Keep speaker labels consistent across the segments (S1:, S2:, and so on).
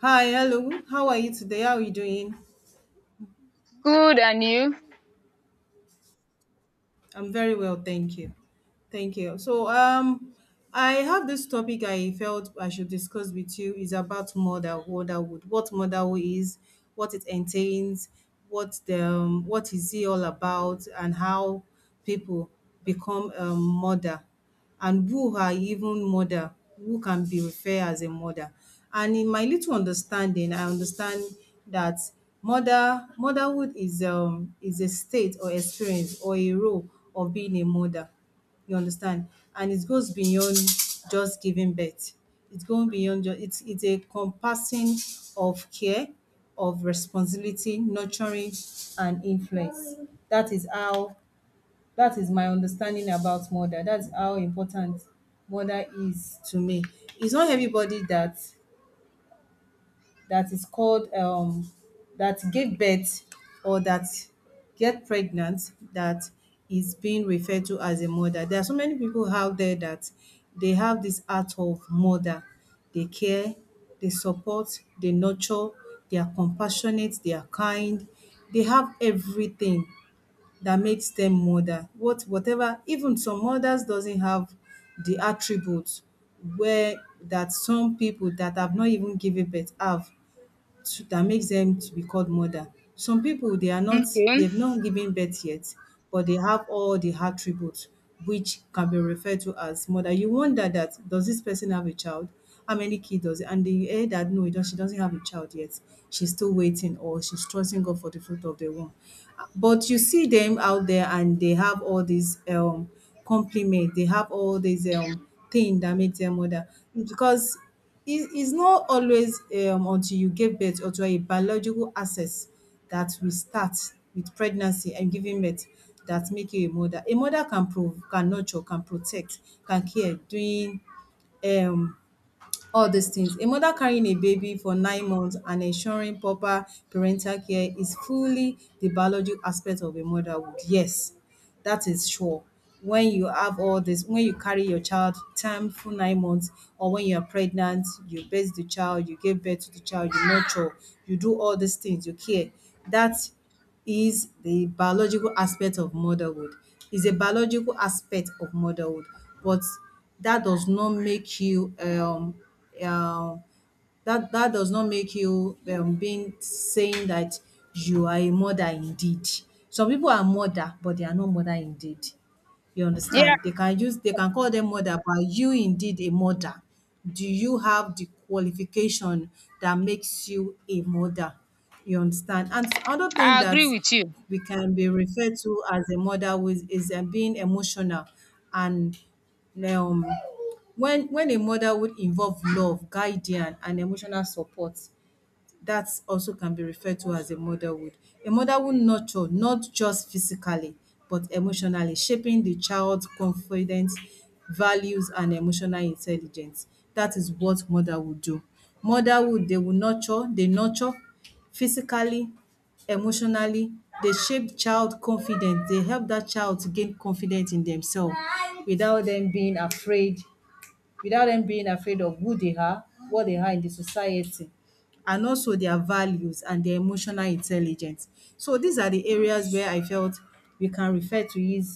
S1: Hi, hello. How are you today? How are you doing?
S2: Good, and you?
S1: I'm very well, thank you. Thank you. I have this topic I felt I should discuss with you is about motherhood. What motherhood is, what it entails, what the what is it all about, and how people become a mother, and who are even mother, who can be referred as a mother. And in my little understanding, I understand that motherhood is a state or experience or a role of being a mother, you understand? And it goes beyond just giving birth. It's going beyond just it's a compassing of care, of responsibility, nurturing and influence. That is how that is my understanding about mother. That's how important mother is to me. It's not everybody that is called that give birth or that get pregnant that is being referred to as a mother. There are so many people out there that they have this art of mother. They care, they support, they nurture, they are compassionate, they are kind, they have everything that makes them mother. Whatever even some mothers doesn't have the attributes where that some people that have not even given birth have to that makes them to be called mother. Some people they are not
S2: Okay.
S1: they've not given birth yet, but they have all the attributes which can be referred to as mother. You wonder that does this person have a child? How many kids does it? And they hear that no, she doesn't have a child yet. She's still waiting or she's trusting God for the fruit of the womb. But you see them out there and they have all these compliment, they have all these thing that makes them mother. Because it is not always until you give birth or to a biological access that we start with pregnancy and giving birth that make you a mother. A mother can nurture, can protect, can care during um all these things. A mother carrying a baby for 9 months and ensuring proper parental care is fully the biological aspect of a motherhood. Yes, that is sure. When you have all this, when you carry your child time for 9 months, or when you are pregnant, you birth the child, you give birth to the child, you nurture, you do all these things, you care. That is the biological aspect of motherhood. Is a biological aspect of motherhood, but that does not make you um that does not make you being saying that you are a mother indeed. Some people are mother but they are not mother indeed. You
S2: Yeah,
S1: understand? They can call them mother, but you indeed a mother? Do you have the qualification that makes you a mother? You understand? And other thing
S2: I
S1: that
S2: agree with you.
S1: we can be referred to as a mother with is being emotional and um when a mother would involve love, guidance and emotional support, that also can be referred to as a motherhood. A mother will nurture not just physically but emotionally, shaping the child's confidence, values and emotional intelligence. That is what motherhood do. Motherhood, they nurture physically, emotionally, they shape child confidence, they help that child to gain confidence in themselves, without them being afraid without them being afraid of who they are, what they are in the society, and also their values and their emotional intelligence. So these are the areas where I felt we can refer to it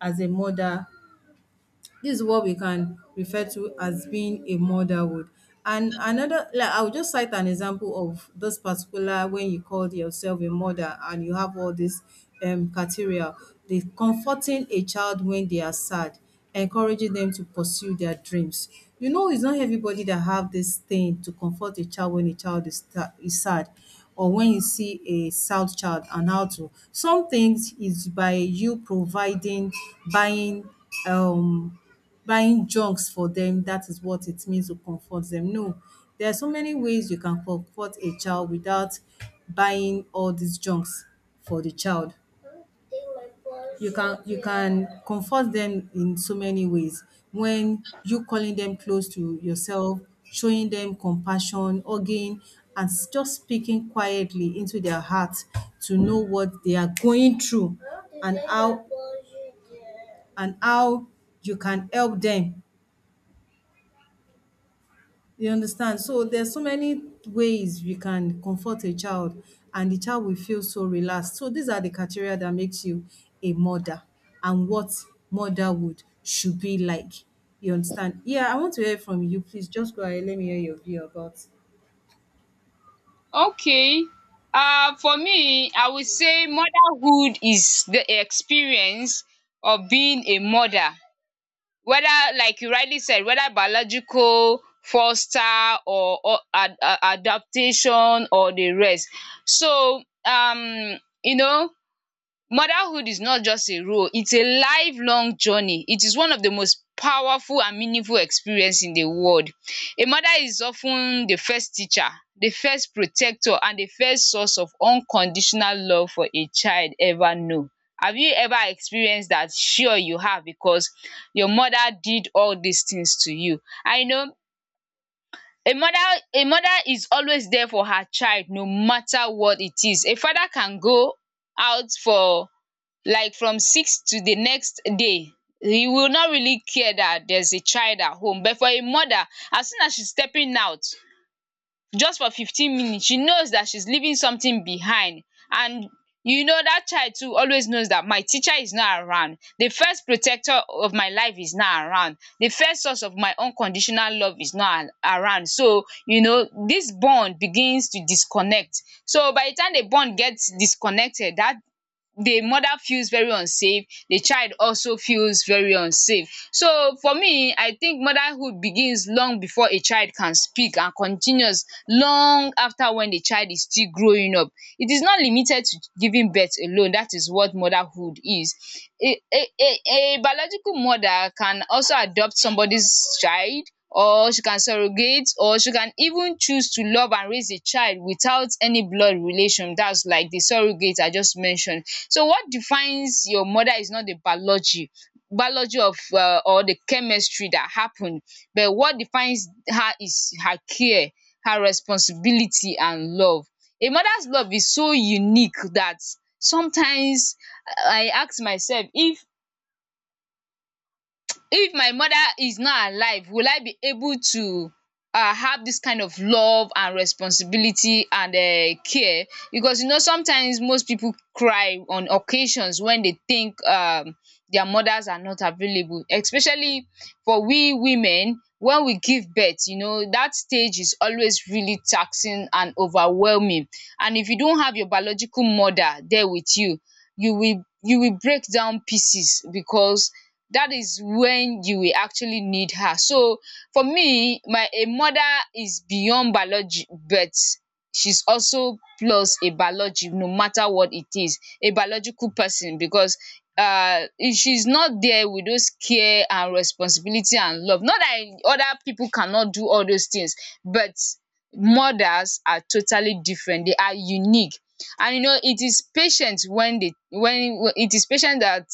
S1: as a mother. This is what we can refer to as being a motherhood. And another, like I'll just cite an example of this particular when you called yourself a mother and you have all this criteria. The comforting a child when they are sad, encouraging them to pursue their dreams. You know, it's not everybody that have this thing to comfort a child when a child is sad or when you see a sad child and how to. Some things is by you providing, buying, um, buying junks for them. That is what it means to comfort them. No, there are so many ways you can comfort a child without buying all these junks for the child. You can comfort them in so many ways when you calling them close to yourself, showing them compassion, hugging just speaking quietly into their heart to know what they are going through and how and how you can help them, you understand? So, there's so many ways we can comfort a child and the child will feel so relaxed. So, these are the criteria that makes you a mother and what motherhood should be like. You understand? Yeah, I want to hear from you. Please just go ahead. Let me hear your view about.
S2: Okay. For me, I would say motherhood is the experience of being a mother. Whether, like you rightly said, whether biological, foster, or adaptation, or the rest. So, you know, Motherhood is not just a role, it's a lifelong journey. It is one of the most powerful and meaningful experience in the world. A mother is often the first teacher, the first protector and the first source of unconditional love for a child ever know. Have you ever experienced that? Sure you have, because your mother did all these things to you. I know a mother a mother is always there for her child, no matter what it is. A father can go out for, like, from six to the next day, he will not really care that there's a child at home, but for a mother, as soon as she's stepping out just for 15 minutes, she knows that she's leaving something behind. And you know, that child too always knows that my teacher is not around, the first protector of my life is not around, the first source of my unconditional love is not around, so you know this bond begins to disconnect. So by the time the bond gets disconnected, that the mother feels very unsafe, the child also feels very unsafe. So for me, I think motherhood begins long before a child can speak and continues long after, when the child is still growing up. It is not limited to giving birth alone, that is what motherhood is. A biological mother can also adopt somebody's child, or she can surrogate, or she can even choose to love and raise a child without any blood relation, that's like the surrogate I just mentioned. So what defines your mother is not the biology of or the chemistry that happened, but what defines her is her care, her responsibility and love. A mother's love is so unique that sometimes I ask myself, if my mother is not alive, will I be able to have this kind of love and responsibility and care? Because you know, sometimes most people cry on occasions when they think their mothers are not available, especially for we women. When we give birth, you know, that stage is always really taxing and overwhelming, and if you don't have your biological mother there with you, you will break down pieces, because that is when you will actually need her. So for me, my a mother is beyond biology, but she's also plus a biology, no matter what it is, a biological person. Because if she's not there with those care and responsibility and love, not that other people cannot do all those things, but mothers are totally different, they are unique. And you know, it is patient when they, when it is patient that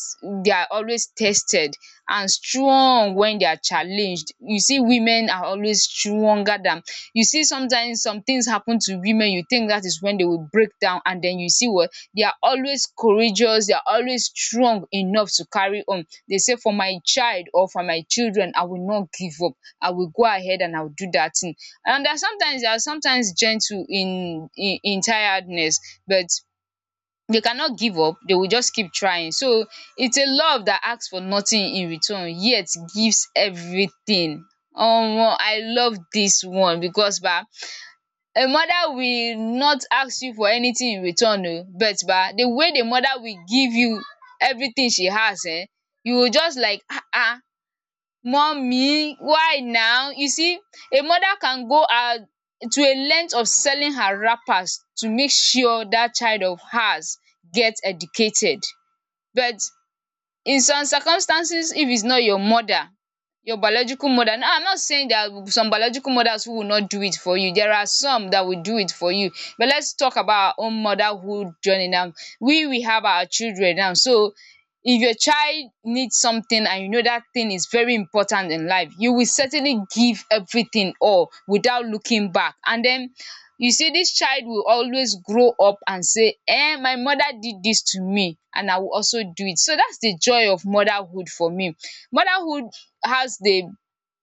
S2: they are always tested, and strong when they are challenged. You see, women are always stronger than, you see, sometimes some things happen to women, you think that is when they will break down, and then you see, what, they are always courageous, they are always strong enough to carry on. They say, for my child or for my children, I will not give up, I will go ahead and I will do that thing. And they are sometimes gentle in, in tiredness, but they cannot give up, they will just keep trying. So it's a love that asks for nothing in return, yet gives everything. Omo, I love this one because ba, a mother will not ask you for anything in return o, but ba, the way the mother will give you everything she has, eh? You will just like, ah. Ah, Mummy, why now? You see, a mother can go out to a length of selling her wrappers to make sure that child of hers gets educated. But in some circumstances, if it's not your mother, your biological mother. Now, I'm not saying there are some biological mothers who will not do it for you, there are some that will do it for you. But let's talk about our own motherhood journey now. We have our children now, so if your child needs something and you know that thing is very important in life, you will certainly give everything all without looking back. And then you see, this child will always grow up and say, "Eh, my mother did this to me, and I will also do it." So that's the joy of motherhood for me. Motherhood has the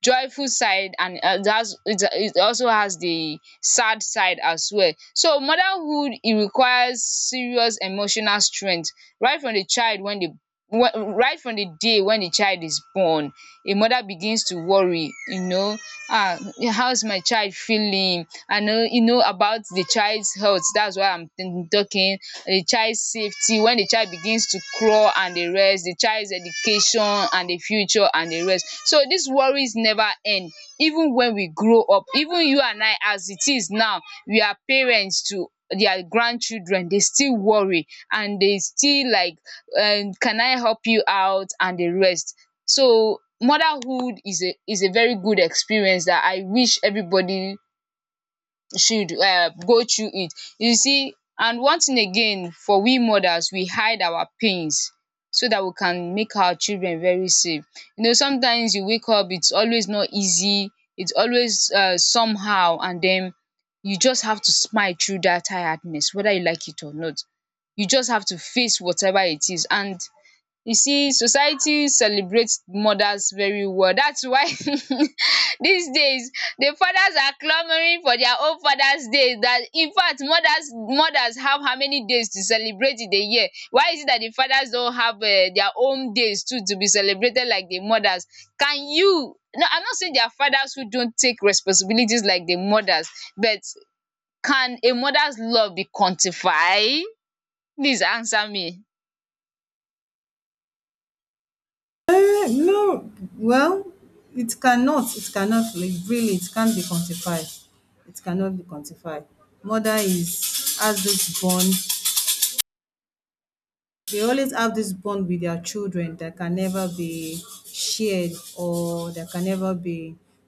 S2: joyful side, and it also has the sad side as well. So motherhood, it requires serious emotional strength right from the child wen dey, right from the day when the child is born. A mother begins to worry, you know, ah, how's my child feeling? I know, you know, about the child's health, that's why I'm talking. The child's safety when the child begins to crawl and the rest, the child's education and the future and the rest. So these worries never end. Even when we grow up, even you and I as it is now, we are parents to their grandchildren, they still worry and they still like, can I help you out, and the rest. So motherhood is a, is a very good experience that I wish everybody should go through it. You see, and one thing again, for we mothers, we hide our pains so that we can make our children very safe. You know, sometimes you wake up, it's always not easy, it's always somehow, and then you just have to smile through that tiredness, whether you like it or not. You just have to face whatever it is. And you see, society celebrates mothers very well, that's why these days the fathers are clamoring for their own fathers day. That, in fact, mothers have how many days to celebrate in a year? Why is it that the fathers don't have their own days too to be celebrated like the mothers? Can you? No, I'm not saying there are fathers who don't take responsibilities like the mothers, but can a mother's love be quantified? Please answer me.
S1: Eh, no. Well, it cannot. It cannot. Really, it can't be quantified. It cannot be quantified. Mother is has this bond, they always have this bond with their children that can never be shared or that can never be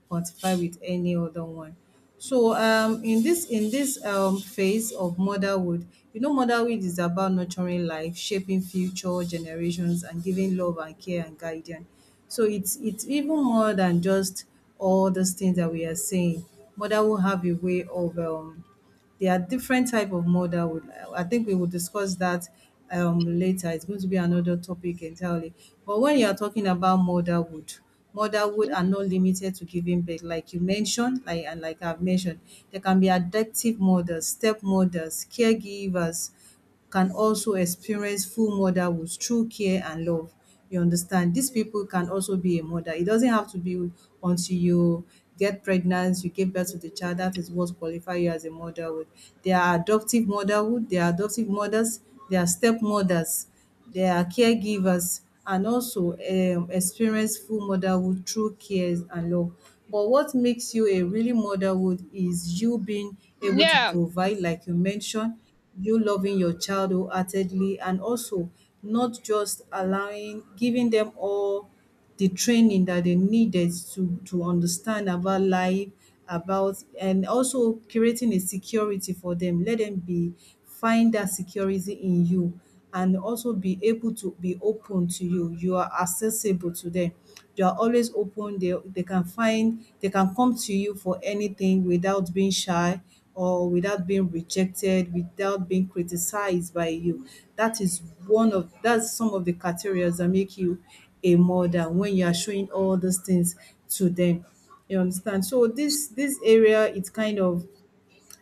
S1: quantified with any other one. So in this phase of motherhood, you know, motherhood is about nurturing life, shaping future generations, and giving love and care and guidance. So it's even more than just all those things that we are saying. Motherhood have a way of there are different type of murder. I think we will discuss that later. It's going to be another topic entirely. But when you are talking about motherhood, motherhood are not limited to giving birth, like you mentioned, like I've mentioned, there can be adoptive mothers, step mothers, caregivers can also experience full motherhood through care and love. You understand? These people can also be a mother. It doesn't have to be until you get pregnant, you give birth to the child, that is what qualify you as a motherhood. There are adoptive motherhood, there are adoptive mothers, there are step mothers, their caregivers and also experience full motherhood through cares and love. But what makes you a really motherhood is you being able to
S2: Yeah,
S1: provide, like you mentioned, you loving your child wholeheartedly and also not just allowing giving them all the training that they needed to understand about life, about and also creating a security for them. Let them be find that security in you and also be able to be open to you. You are accessible to them. You are always open. They can find they can come to you for anything without being shy or without being rejected, without being criticized by you. That is one of that's some of the criteria that make you a mother when you are showing all these things to them. You understand? So this area, it's kind of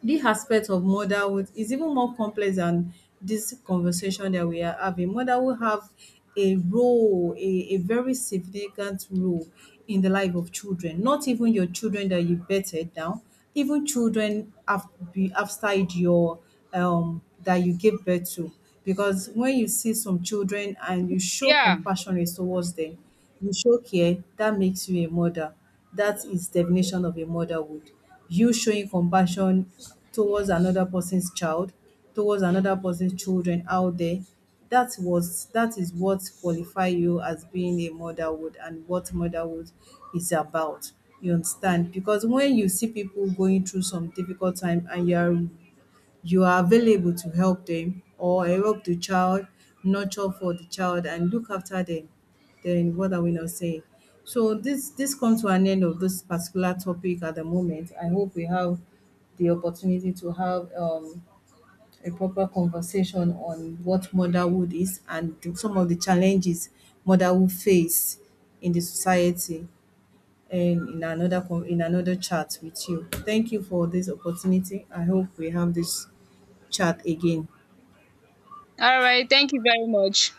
S1: the aspect of motherhood is even more complex than this conversation that we are having. Motherhood have a role, a very significant role in the life of children. Not even your children that you birthed down, even be outside your that you give birth to. Because when you see some children and you show
S2: yeah.
S1: compassion is towards them, you show care, that makes you a mother. That is definition of a motherhood you showing compassion towards another person's child, towards another person's children out there. That is what qualify you as being a motherhood and what motherhood is about. You understand? Because when you see people going through some difficult time and you are available to help them, or help the child, nurture for the child and look after them. Then what are we now saying? So this comes to an end of this particular topic at the moment. I hope we have the opportunity to have a proper conversation on what motherhood is and some of the challenges motherhood face in the society and in another in another chat with you. Thank you for this opportunity. I hope we have this chat again.
S2: All right. Thank you very much.